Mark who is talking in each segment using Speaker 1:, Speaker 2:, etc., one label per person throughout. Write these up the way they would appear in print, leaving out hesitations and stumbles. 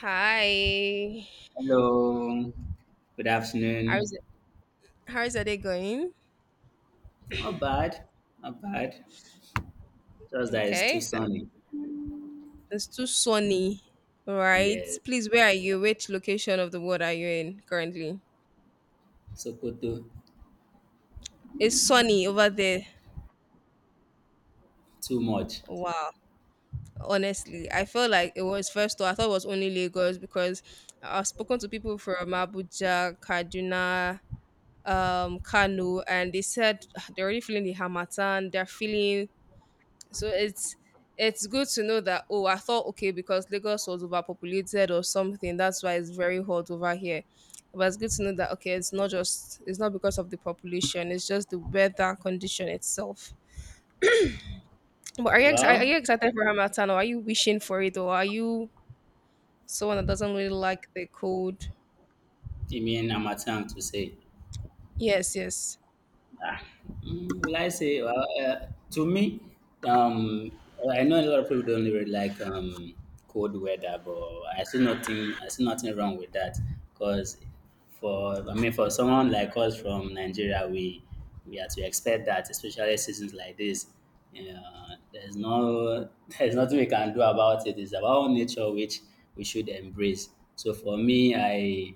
Speaker 1: Hi.
Speaker 2: Hello, good
Speaker 1: How
Speaker 2: afternoon.
Speaker 1: is it? How is your day going?
Speaker 2: Not bad, not bad. Just that it's too
Speaker 1: Okay.
Speaker 2: sunny.
Speaker 1: It's too sunny, right?
Speaker 2: Yes,
Speaker 1: Please, where are you? Which location of the world are you in currently?
Speaker 2: Sokoto,
Speaker 1: It's sunny over there.
Speaker 2: too much.
Speaker 1: Wow. Honestly, I felt like it was first though. I thought it was only Lagos because I've spoken to people from Abuja, Kaduna, Kano, and they said they're already feeling the Hamatan. They're feeling So it's it's good to know that oh, I thought okay because Lagos was overpopulated or something. That's why it's very hot over here. But it's good to know that okay, it's not because of the population. It's just the weather condition itself. But are you are you
Speaker 2: Well,
Speaker 1: excited for Hamilton or are you wishing for it or are you someone that doesn't really like the cold?
Speaker 2: you mean Amatang to say.
Speaker 1: Yes, yes.
Speaker 2: Ah, will I say? Well, to me, well, I know a lot of people don't really like cold weather, but I see nothing. I see nothing wrong with that, because for I mean, for someone like us from Nigeria, we have to expect that, especially seasons like this. There's no There's nothing we can do about it. It's about nature which we should embrace. So for me, I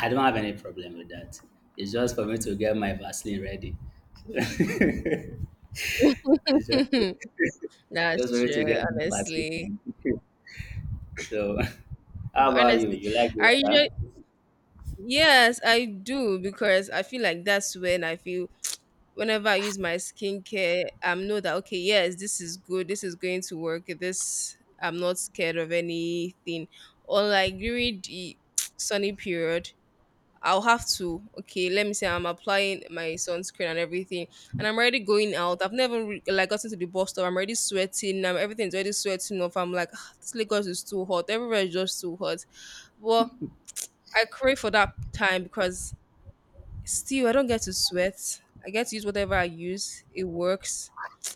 Speaker 2: I don't have any problem with that. It's just for me to get my Vaseline ready. it's just, just for
Speaker 1: That's
Speaker 2: me
Speaker 1: true,
Speaker 2: to get my
Speaker 1: honestly.
Speaker 2: Vaseline. so, how
Speaker 1: But
Speaker 2: about you?
Speaker 1: honestly,
Speaker 2: You like the
Speaker 1: I usually
Speaker 2: weather?
Speaker 1: yes, I do because I feel like that's when I feel whenever I use my skincare, I'm know that okay, yes, this is good, this is going to work. This I'm not scared of anything. Or like during the sunny period, I'll have to okay. Let me say I'm applying my sunscreen and everything, and I'm already going out. I've never like gotten to the bus stop. I'm already sweating. I'm everything's already sweating off. I'm like, "Ah, this Lagos is too hot. Everywhere is just too hot. Well, I crave for that time because still, I don't get to sweat. I get to use whatever I use. It works.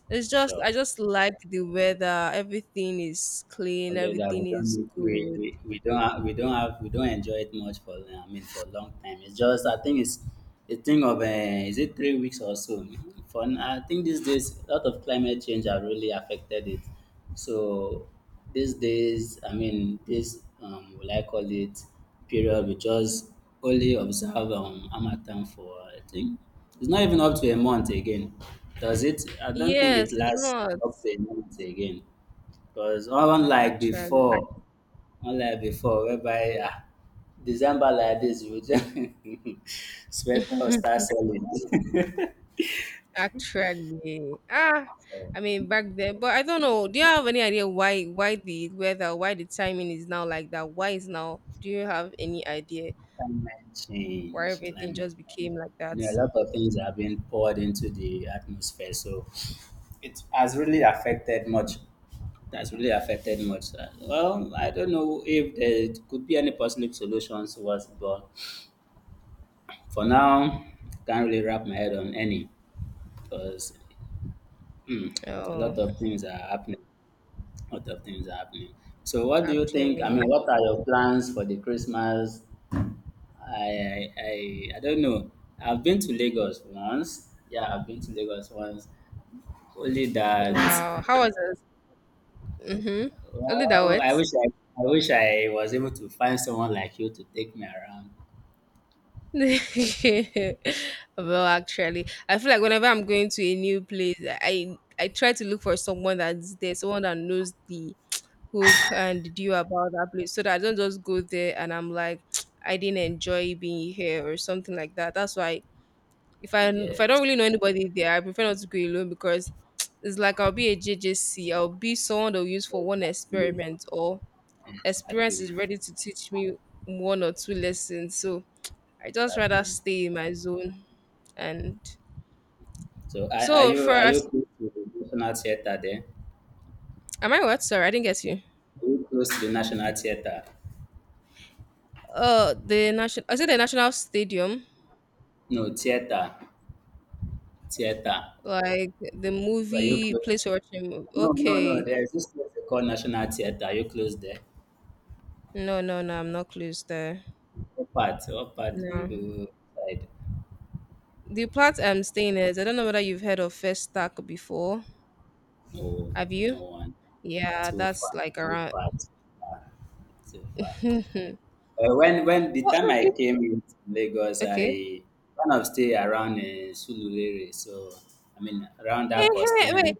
Speaker 1: It's just I
Speaker 2: Sure.
Speaker 1: just like the weather. Everything is clean.
Speaker 2: Although that
Speaker 1: Everything is good.
Speaker 2: we don't enjoy it much for I mean, for a long time. It's just I think it's a thing of is it 3 weeks or so. I think these days a lot of climate change have really affected it. So these days I mean this will I call it period we just only observe harmattan for I think it's not even up to a month again. Does it I don't think
Speaker 1: Yes,
Speaker 2: it
Speaker 1: it's
Speaker 2: lasts
Speaker 1: not
Speaker 2: up to a month again. Because
Speaker 1: actually.
Speaker 2: unlike before, whereby December like this, you just sweater will start selling.
Speaker 1: Actually, ah,
Speaker 2: so
Speaker 1: I mean back then, but I don't know. Do you have any idea why the weather, why the timing is now like that? Why is now? Do you have any idea
Speaker 2: climate
Speaker 1: why
Speaker 2: change,
Speaker 1: everything
Speaker 2: climate.
Speaker 1: just became like that?
Speaker 2: A lot of things are being poured into the atmosphere, so it has really affected much. It has really affected much. Well, I don't know if there could be any possible solutions towards it, but for now, can't really wrap my head on any because Hmm. a
Speaker 1: Oh,
Speaker 2: lot of things are happening. A lot of things are happening. So, what do you think? I mean,
Speaker 1: actually,
Speaker 2: what are your plans for the Christmas? I don't know. I've been to Lagos once. Yeah, I've been to Lagos once. Only that,
Speaker 1: wow. How was it? Mhm. A that
Speaker 2: well, I
Speaker 1: what?
Speaker 2: wish I, I wish I was able to find someone like you to take me around.
Speaker 1: well, actually, I feel like whenever I'm going to a new place, I try to look for someone that's there, someone that knows the hook and the deal about that place, so that I don't just go there and I'm like, I didn't enjoy being here or something like that. That's why if I don't
Speaker 2: Yes,
Speaker 1: really know anybody there, I prefer not to go alone because it's like I'll be a J will be someone they'll use for one
Speaker 2: exactly,
Speaker 1: experiment or experience is
Speaker 2: exactly,
Speaker 1: ready to teach me one or two lessons. So I just rather
Speaker 2: exactly.
Speaker 1: stay in my zone. And
Speaker 2: So, are, are
Speaker 1: so
Speaker 2: you
Speaker 1: for
Speaker 2: are you
Speaker 1: us,
Speaker 2: close to the National Theatre there?
Speaker 1: am I what? Sorry, I didn't get you.
Speaker 2: Are you close to the National Theatre?
Speaker 1: The national. I said the national stadium,
Speaker 2: No, theater.
Speaker 1: like the
Speaker 2: Were you
Speaker 1: movie
Speaker 2: close?
Speaker 1: place we're watching.
Speaker 2: No, no, no.
Speaker 1: Okay,
Speaker 2: There's this place they call National Theater. Are you close there?
Speaker 1: no, no, no, I'm not close there.
Speaker 2: What part do
Speaker 1: No,
Speaker 2: you side?
Speaker 1: the plat I'm staying is. I don't know whether you've heard of First Stack before.
Speaker 2: No,
Speaker 1: Have
Speaker 2: no
Speaker 1: you?
Speaker 2: one.
Speaker 1: Yeah,
Speaker 2: Too
Speaker 1: that's
Speaker 2: far.
Speaker 1: like
Speaker 2: Too
Speaker 1: around.
Speaker 2: far. Too far. Too far.
Speaker 1: what?
Speaker 2: When the
Speaker 1: No,
Speaker 2: time I
Speaker 1: it-
Speaker 2: came in Lagos, I
Speaker 1: Okay.
Speaker 2: kind of stay around Sululere. So I mean around
Speaker 1: Eh,
Speaker 2: that
Speaker 1: eh,
Speaker 2: Costain
Speaker 1: wait,
Speaker 2: region.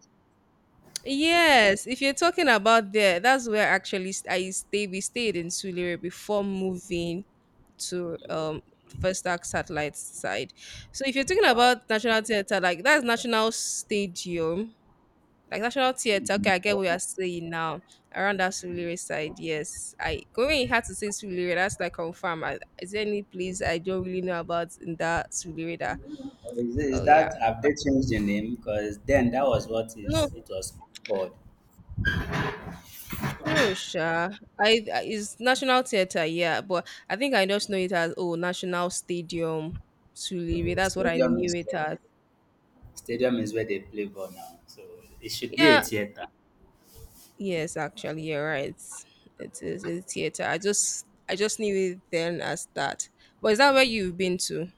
Speaker 1: yes, if you're talking about there, that's where actually I stay. We stayed in Sulere before moving to
Speaker 2: Okay.
Speaker 1: First Arc Satellite side. So if you're talking
Speaker 2: Wow.
Speaker 1: about National Theatre, like that's National Stadium, like National Theatre.
Speaker 2: Hmm,
Speaker 1: Okay, I get what you're
Speaker 2: no.
Speaker 1: saying now. Around that Sulere side, yes. I going had to say Sulere. That's like confirm. I, is there any place I don't really know about in that Sulere? That
Speaker 2: Is
Speaker 1: oh yeah.
Speaker 2: that have they changed the name? Because then that was what
Speaker 1: No,
Speaker 2: is it was called.
Speaker 1: true, sure. It's National Theatre, yeah, but I think I just know it as oh National Stadium Suliri.
Speaker 2: No,
Speaker 1: That's what I knew it as.
Speaker 2: stadium is where they play ball now. So it should be a
Speaker 1: Yeah,
Speaker 2: theater.
Speaker 1: yes, actually, you're right. It is a theater. I just knew it then as that. But is that where you've been to?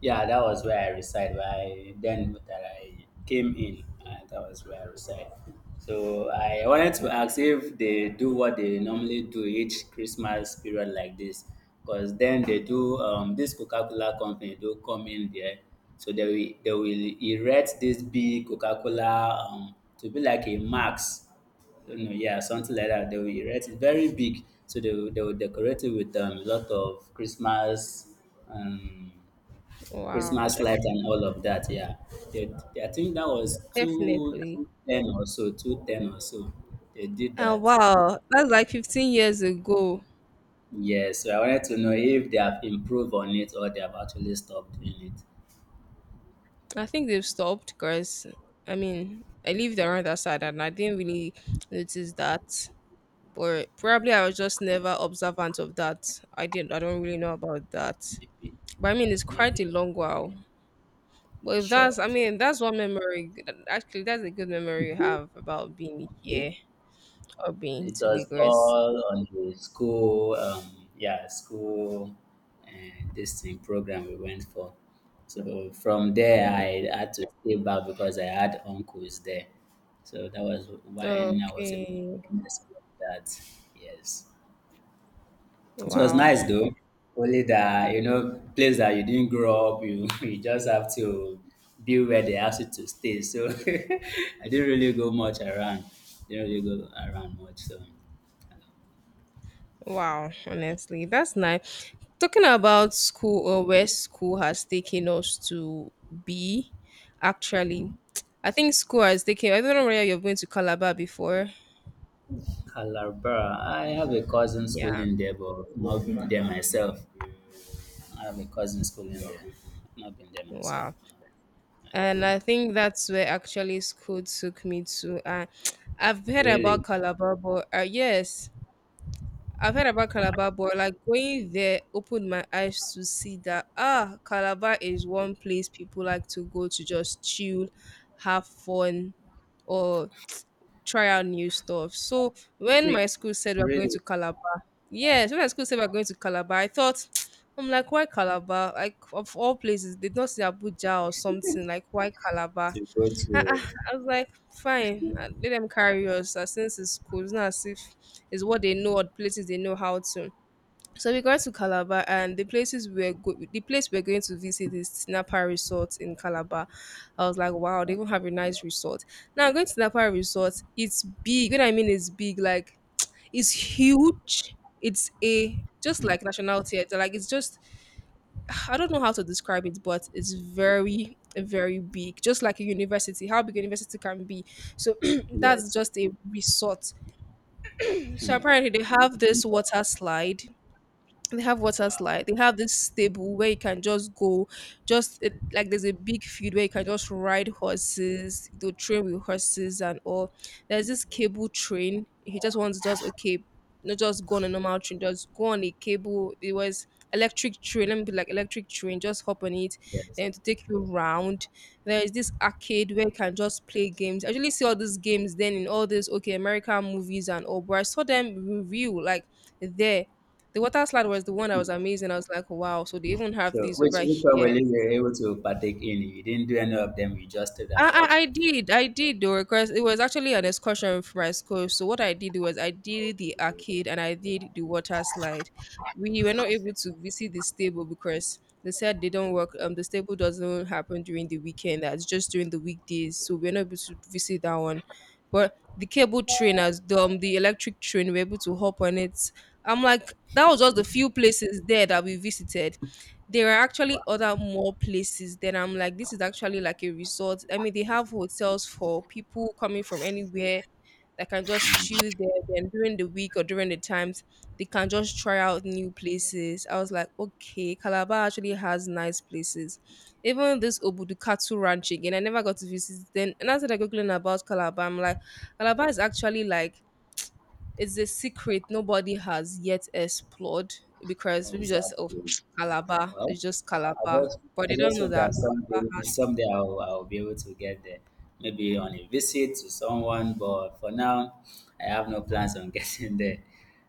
Speaker 2: Yeah, that was where I reside. Then that I came in, and that was where I reside. So I wanted to ask if they do what they normally do each Christmas period like this, because then they do this Coca-Cola company do come in there, so they will erect this big Coca-Cola to be like a Max yeah, something like that. They will erect it very big, so they will decorate it with a lot of um,
Speaker 1: Wow,
Speaker 2: Christmas lights and all of that. Yeah, I think that was two
Speaker 1: definitely.
Speaker 2: two ten or so, two ten or so. They did
Speaker 1: Oh
Speaker 2: that.
Speaker 1: wow, that's like 15 years ago.
Speaker 2: Yeah, so I wanted to know if they have improved on it or they have actually stopped doing
Speaker 1: I think they've stopped because I mean I lived around that side and I didn't really notice that. But probably I was just never observant of that. I didn't. I don't really know about that.
Speaker 2: it. Maybe,
Speaker 1: But I mean, it's quite
Speaker 2: maybe.
Speaker 1: a long while. But if that's,
Speaker 2: Sure,
Speaker 1: I mean, that's one memory. Actually, that's a good memory you have about being
Speaker 2: sure.
Speaker 1: here or being
Speaker 2: It
Speaker 1: to
Speaker 2: was
Speaker 1: Lagos.
Speaker 2: all on the school, yeah, school and this thing program we went for. So from there,
Speaker 1: Mm.
Speaker 2: I had to stay back because I had uncles there. So that was when I was able
Speaker 1: Okay.
Speaker 2: to make this that. Yes, it was
Speaker 1: Wow.
Speaker 2: nice though. Only that place that you didn't grow up, you you just have to be where they ask you to stay. So I didn't really go much around. Didn't really go around much. So.
Speaker 1: Wow. Honestly, that's nice. Talking about school or where school has taken us to be, actually, I think school has taken. I don't know whether you've been to Calabar before.
Speaker 2: Calabar. I have a cousin school
Speaker 1: Yeah.
Speaker 2: in there, but not been there myself. I have a cousin school in there. Not been there myself.
Speaker 1: Wow. And I think that's where actually school took me to. I've heard about
Speaker 2: Really.
Speaker 1: Calabar, but yes, I've heard about Calabar, but like going there opened my eyes to see that ah, Calabar is one place people like to go to just chill, have fun, or try out new stuff. So when my
Speaker 2: Really?
Speaker 1: school said we're going
Speaker 2: Really,
Speaker 1: to Calabar, yes, when my school said we're going to Calabar, I thought. I'm like, why Calabar? Like, of all places, they did not say Abuja or something. Like, why Calabar?
Speaker 2: to go
Speaker 1: I, I,
Speaker 2: to.
Speaker 1: I was like, fine, let them carry us. Since it's school, it's not as if it's what they know or the places they know how to. So we got to Calabar, and the place we're going to visit is Tinapa Resort in Calabar. I was like, wow, they even have a nice resort. Now going to Tinapa Resort, it's big. What I mean is big, like it's huge. It's a just like National Theatre, like it's just I don't know how to describe it, but it's very, very big, just like a university, how big a university can be. So that's
Speaker 2: Yes.
Speaker 1: just a resort. So
Speaker 2: Hmm.
Speaker 1: apparently,
Speaker 2: Not been there.
Speaker 1: they have water
Speaker 2: Wow.
Speaker 1: slide they have this stable where you can just go just it, like there's a big field where you can just ride horses the train with horses and all there's this cable train he just wants to just okay not just go on a normal train just go on a cable it was electric train let me be like electric train just hop on it
Speaker 2: Yes.
Speaker 1: then to take you round there is this arcade where you can just play games. I usually see all these games then in all these okay american movies and all but I saw them in real like there the water slide was the one that was amazing. I was like, wow, so they even have
Speaker 2: So
Speaker 1: these
Speaker 2: which
Speaker 1: over
Speaker 2: which one were
Speaker 1: here.
Speaker 2: you able to partake in? You didn't do any of them. You just stayed
Speaker 1: I,
Speaker 2: and
Speaker 1: I,
Speaker 2: watched.
Speaker 1: I did, I did though, because it was actually an excursion from my school. So what I did was I did the arcade and I did the water slide. We were not able
Speaker 2: Okay.
Speaker 1: to visit the stable because they said they don't work. The stable doesn't happen during the weekend. That's just during the weekdays. So we're not able to visit that one. But the cable train, as the electric train, we were able to hop on it. I'm like, that was just the few places there that we visited. There are actually
Speaker 2: Wow.
Speaker 1: other more places then I'm like this is actually like a resort I mean they have hotels for people coming from anywhere that can just chill there then during the week or during the times they can just try out new places I was like okay calabar actually has nice places even this obudukatu ranch again I never got to visit then and as I was googling about calabar I'm like calabar is actually like it's a secret nobody has yet explored because people just oh
Speaker 2: Exactly.
Speaker 1: Calabar,
Speaker 2: Well,
Speaker 1: it's just
Speaker 2: I
Speaker 1: Calabar,
Speaker 2: just
Speaker 1: but
Speaker 2: I
Speaker 1: they don't
Speaker 2: just
Speaker 1: know
Speaker 2: hope
Speaker 1: that
Speaker 2: that someday
Speaker 1: Calabar.
Speaker 2: someday I'll be able to get there. Maybe on a visit to someone, but for now I have no plans on getting there.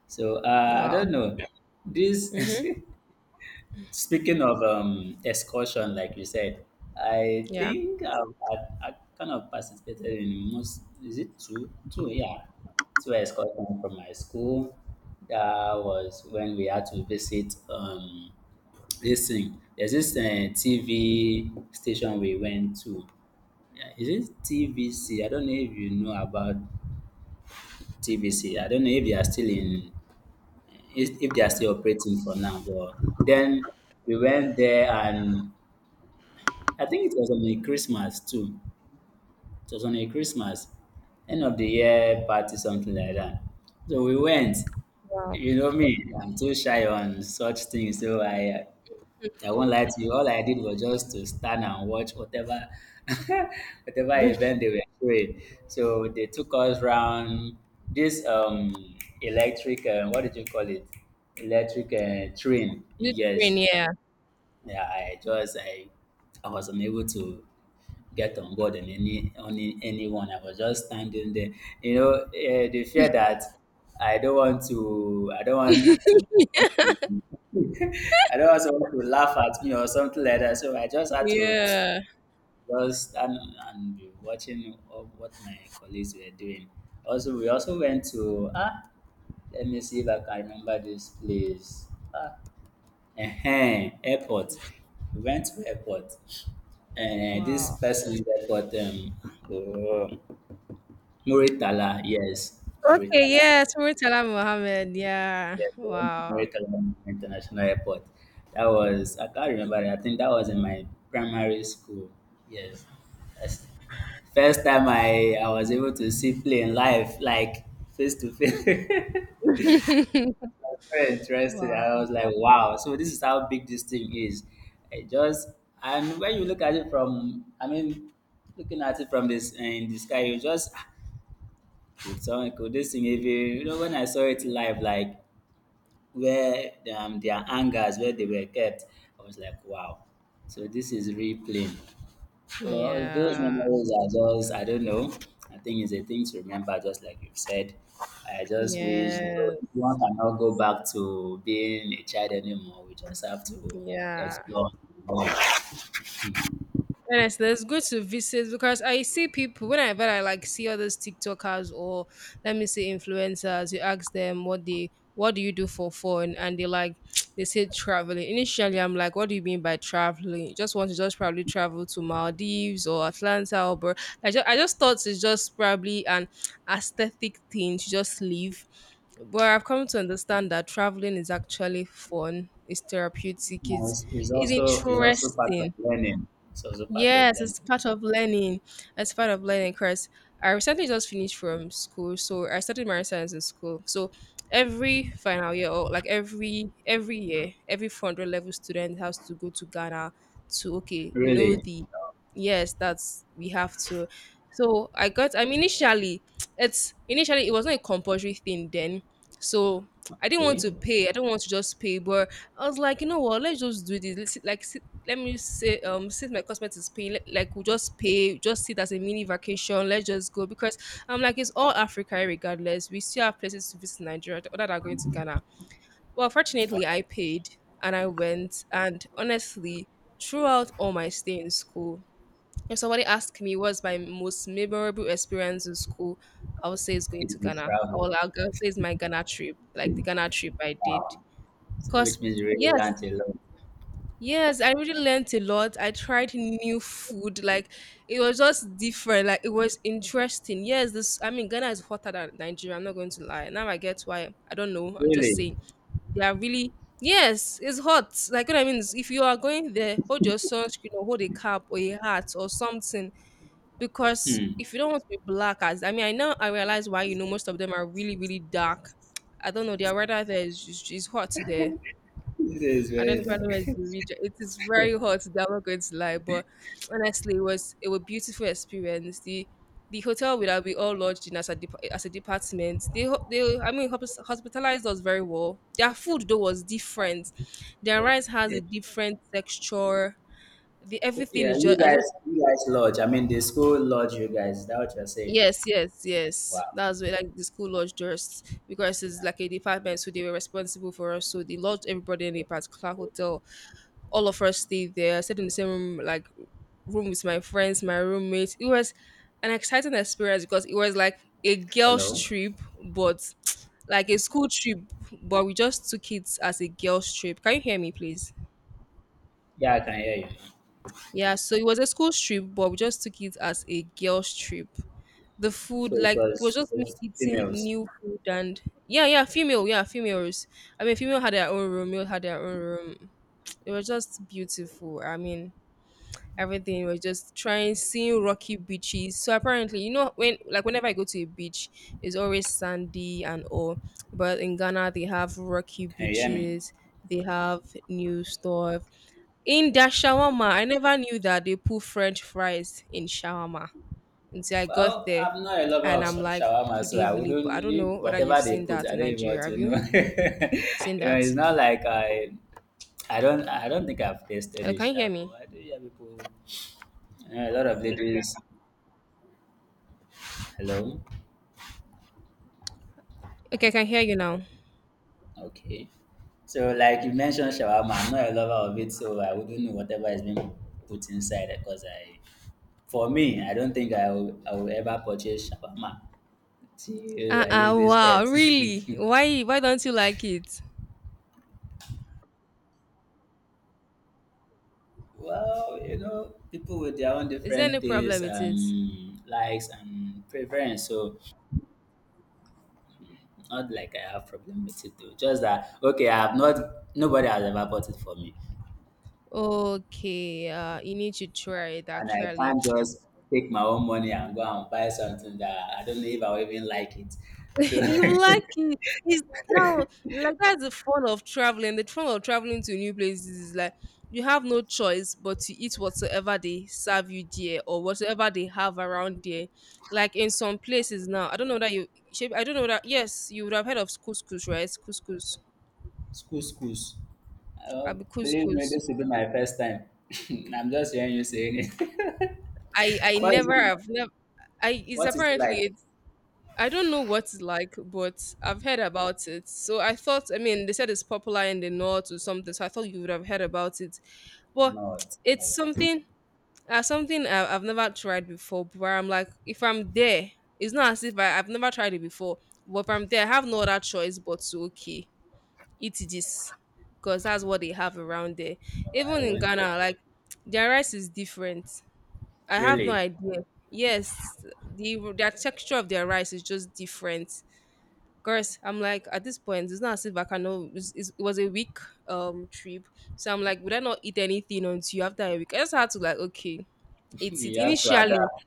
Speaker 2: So I
Speaker 1: Wow.
Speaker 2: don't know. This
Speaker 1: Mhm.
Speaker 2: Speaking of excursion, like you said, I
Speaker 1: Yeah.
Speaker 2: think I kind of participated in most. Is it two? Two, yeah, two excursions from my school. That was when we had to visit. This thing, there's this TV station we went to. Yeah, is it TVC? I don't know if you know about TVC. I don't know if they are still in, if they are still operating for now. But then we went there, and I think it was on a Christmas too. It was on a Christmas, end of the year party, something like that. So we went.
Speaker 1: Wow.
Speaker 2: You know me, I'm too shy on such things. So I won't lie to you. All I did was just to stand and watch whatever whatever event they were doing. So they took us round this electric what did you call it? Electric train.
Speaker 1: Good train.
Speaker 2: Yes.
Speaker 1: Yeah.
Speaker 2: Yeah, I just I was unable to get on board and any only anyone. I was just standing there. The fear that I don't want to I don't want to I don't want someone to laugh at me or something like that. So I just had to
Speaker 1: Yeah.
Speaker 2: just stand and be watching of what my colleagues were doing. Also, we also went to let me see if I can remember this place. Airport. We went to airport. And this
Speaker 1: Wow.
Speaker 2: person's airport, oh, Muritala, yes,
Speaker 1: Okay.
Speaker 2: Muritala.
Speaker 1: Yeah. Muritala Mohammed. Yeah.
Speaker 2: Yeah, we
Speaker 1: Wow.
Speaker 2: went to Muritala International Airport. That was I can't remember that. I think that was in my primary school. Yes. That's- First time I was able to see plane live, like face to face. I was very interested. I
Speaker 1: Wow.
Speaker 2: was like, wow. So this is how big this thing is. It just and when you look at it from, I mean, looking at it from this in the sky, you just could this thing even, you know, when I saw it live, like where their hangers where they were kept. I was like, wow. So this is real playing. Well, those
Speaker 1: Yeah.
Speaker 2: memories are just I don't know. I think it's a thing to remember, just like you've said. I just wish that
Speaker 1: Yes.
Speaker 2: one cannot go back to being a child anymore. We just have to
Speaker 1: Yeah.
Speaker 2: explore. More.
Speaker 1: Honestly, it's good to visit because I see people whenever I like see all those TikTokers or let me see influencers, you ask them what do you do for fun and they like they say traveling. Initially I'm like, what do you mean by traveling? You just want to just probably travel to Maldives or Atlanta or I just thought it's just probably an aesthetic thing to just leave. But I've come to understand that traveling is actually fun, it's therapeutic,
Speaker 2: Now, It's it's
Speaker 1: it's
Speaker 2: also it's also part of
Speaker 1: interesting.
Speaker 2: learning. It's also part of
Speaker 1: Yes,
Speaker 2: learning.
Speaker 1: it's part of learning. It's part of learning because I recently just finished from school. So I studied marine science in school. So every final year or like every year, every 400 level student has to go to Ghana to okay, know
Speaker 2: Really,
Speaker 1: the yes, that's we have to. So I got I mean initially it's initially it was not a compulsory thing then. So I didn't want
Speaker 2: okay.
Speaker 1: to pay. I do not want to just pay, but I was like, you know what? Let's just do this. Let's, like, let me say since my cosmetics is paying like we'll just pay, just see it as a mini vacation. Let's just go because I'm like, it's all Africa regardless. We still have places to visit in Nigeria other than going to Ghana. Well, fortunately
Speaker 2: Wow.
Speaker 1: I paid and I went, and honestly, throughout all my stay in school, if somebody asked me what's my most memorable experience in school, I would say it's going
Speaker 2: It's
Speaker 1: to
Speaker 2: the
Speaker 1: Ghana, or
Speaker 2: travel,
Speaker 1: I'll say it's my Ghana trip, like the Ghana trip I did
Speaker 2: wow. So,
Speaker 1: because
Speaker 2: which means you really
Speaker 1: yes
Speaker 2: learned a lot.
Speaker 1: yes, I really learned a lot. I tried new food. Like it was just different. Like it was interesting. Yes, this Ghana is hotter than Nigeria. I'm not going to lie. Now I get why. I don't know. I'm just
Speaker 2: Really.
Speaker 1: saying they are really, yes, it's hot. Like what I mean is if you are going there, hold your sunscreen or hold a cap or a hat or something. Because
Speaker 2: Hmm.
Speaker 1: if you don't want to be black, as I mean I now I realize why, most of them are really, really dark. I don't know, their weather there is hot there.
Speaker 2: This is
Speaker 1: I don't
Speaker 2: very
Speaker 1: know, if I know where is
Speaker 2: dark.
Speaker 1: the region. It is very hot. They're not going to lie, but honestly, it was a beautiful experience. The hotel where we all lodged in as a as a department, they they hospitalized us very well. Their food though was different. Their
Speaker 2: So,
Speaker 1: rice has
Speaker 2: yeah.
Speaker 1: a different texture. The
Speaker 2: So
Speaker 1: everything
Speaker 2: yeah,
Speaker 1: is just I just
Speaker 2: you guys lodge. I mean, the school lodge. You guys, is that what you're saying?
Speaker 1: yes, yes, yes.
Speaker 2: Wow.
Speaker 1: That's where, like, the school lodged us because it's
Speaker 2: Yeah.
Speaker 1: like a department, so they were responsible for us. So they lodged everybody in a particular hotel. All of us stayed there. I stayed in the same room with my friends, my roommates. It was an exciting experience because it was like a girls'
Speaker 2: Hello.
Speaker 1: trip, but like a school trip, but we just took it as a girls' trip. Can you hear me, please?
Speaker 2: Yeah, I can hear you.
Speaker 1: Yeah, so it was a school trip, but we just took it as a girls' trip. The
Speaker 2: So
Speaker 1: food,
Speaker 2: it
Speaker 1: like, it was
Speaker 2: was,
Speaker 1: just
Speaker 2: it
Speaker 1: me
Speaker 2: was
Speaker 1: eating
Speaker 2: females.
Speaker 1: new food. And yeah, yeah, female, yeah, females. I mean, female had their own room, male had their own room. It was just beautiful. I mean, everything was just trying, seeing rocky beaches. So apparently, when, like, whenever I go to a beach, it's always sandy and all, but in Ghana they have rocky
Speaker 2: Can you hear me?
Speaker 1: beaches. They have new stuff in their shawarma. I never knew that they put french fries in shawarma until I got
Speaker 2: Well,
Speaker 1: there.
Speaker 2: I'm not a lover
Speaker 1: And
Speaker 2: of
Speaker 1: I'm like,
Speaker 2: shawarma,
Speaker 1: do
Speaker 2: so
Speaker 1: they
Speaker 2: I
Speaker 1: really put, I
Speaker 2: wouldn't
Speaker 1: don't
Speaker 2: if
Speaker 1: know whether you've
Speaker 2: whatever they
Speaker 1: seen
Speaker 2: put.
Speaker 1: that
Speaker 2: I
Speaker 1: in
Speaker 2: don't even want
Speaker 1: Nigeria. Have
Speaker 2: to
Speaker 1: you
Speaker 2: know.
Speaker 1: seen that?
Speaker 2: It's not like I don't think I've tasted
Speaker 1: Hello, can
Speaker 2: this
Speaker 1: you hear me?
Speaker 2: shawarma. I do hear people. A lot of ladies. Hello.
Speaker 1: Okay, I can hear you now.
Speaker 2: Okay. So, like you mentioned shawarma, I'm not a lover of it, so I wouldn't know whatever is being put inside because for me, I don't think I will ever purchase shawarma till I
Speaker 1: Uh-uh,
Speaker 2: leave this
Speaker 1: wow,
Speaker 2: earth.
Speaker 1: really? Why don't you like it?
Speaker 2: well, people with their own
Speaker 1: Is there any
Speaker 2: different tastes
Speaker 1: problem with it?
Speaker 2: and likes and preference, so not like I have problem with it though. Just that, okay, I have not, nobody has ever bought it for me.
Speaker 1: Okay, you need to try it
Speaker 2: And I
Speaker 1: actually.
Speaker 2: can't just take my own money and go and buy something that I don't know if I'll even like it. So
Speaker 1: You like it. It's, now, like, that's the fun of traveling. The fun of traveling to new places is like you have no choice but to eat whatsoever they serve you there or whatever they have around there. Like in some places now, I don't know that you, I don't know that, yes, you would have heard of couscous, right? Couscous.
Speaker 2: schools.
Speaker 1: I
Speaker 2: Oh,
Speaker 1: be
Speaker 2: believe
Speaker 1: couscous.
Speaker 2: me, this will be my first time. I'm just hearing you saying it.
Speaker 1: I
Speaker 2: what is
Speaker 1: never
Speaker 2: it? like?
Speaker 1: have, never. I, it's
Speaker 2: What is it like?
Speaker 1: apparently a, I don't know what it's like, but I've heard about it. So I thought, I mean, they said it's popular in the north or something. So I thought you would have heard about it. But
Speaker 2: Not,
Speaker 1: it's
Speaker 2: No,
Speaker 1: something, something I've never tried before. But where I'm like, if I'm there, it's not as if I've never tried it before. But if I'm there, I have no other choice but to, okay, eat this, because that's what they have around there.
Speaker 2: no,
Speaker 1: Even
Speaker 2: I
Speaker 1: in
Speaker 2: won't.
Speaker 1: Ghana, like, their rice is different. I have no
Speaker 2: Really,
Speaker 1: idea. Yes, the their texture of their rice is just different. Course, I'm like, at this point, it's not as if I can know. It's, it was a week trip, so I'm like, would I not eat anything until after a week? I just had to, like, okay, eat it.
Speaker 2: you have to
Speaker 1: Initially,
Speaker 2: adapt.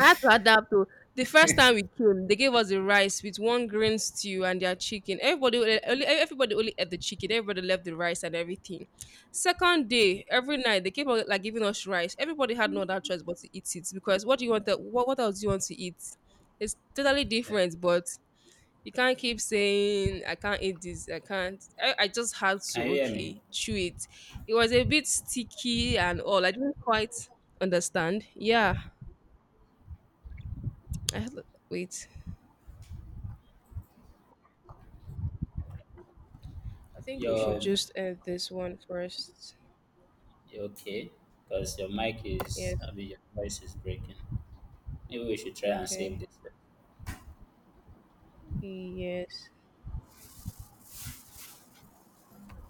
Speaker 1: I had to adapt. To the first time we came, they gave us the rice with one green stew and their chicken. Everybody, only- everybody only ate the chicken. Everybody left the rice and everything. Second day, every night they kept on, like, giving us rice. Everybody had no other choice but to eat it because what do you want? To, what else do you want to eat? It's totally different, but you can't keep saying I can't eat this, I can't. I just had to,
Speaker 2: Can you hear me?
Speaker 1: okay, chew it. It was a bit sticky and all. I didn't quite understand. Yeah. I had, wait. I think we should
Speaker 2: Your,
Speaker 1: just end this one first.
Speaker 2: you okay? Because your mic is,
Speaker 1: Yes.
Speaker 2: I mean, your voice is breaking. Maybe we should try and save
Speaker 1: Okay.
Speaker 2: this.
Speaker 1: Yes.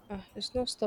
Speaker 1: Ah, it's not stop.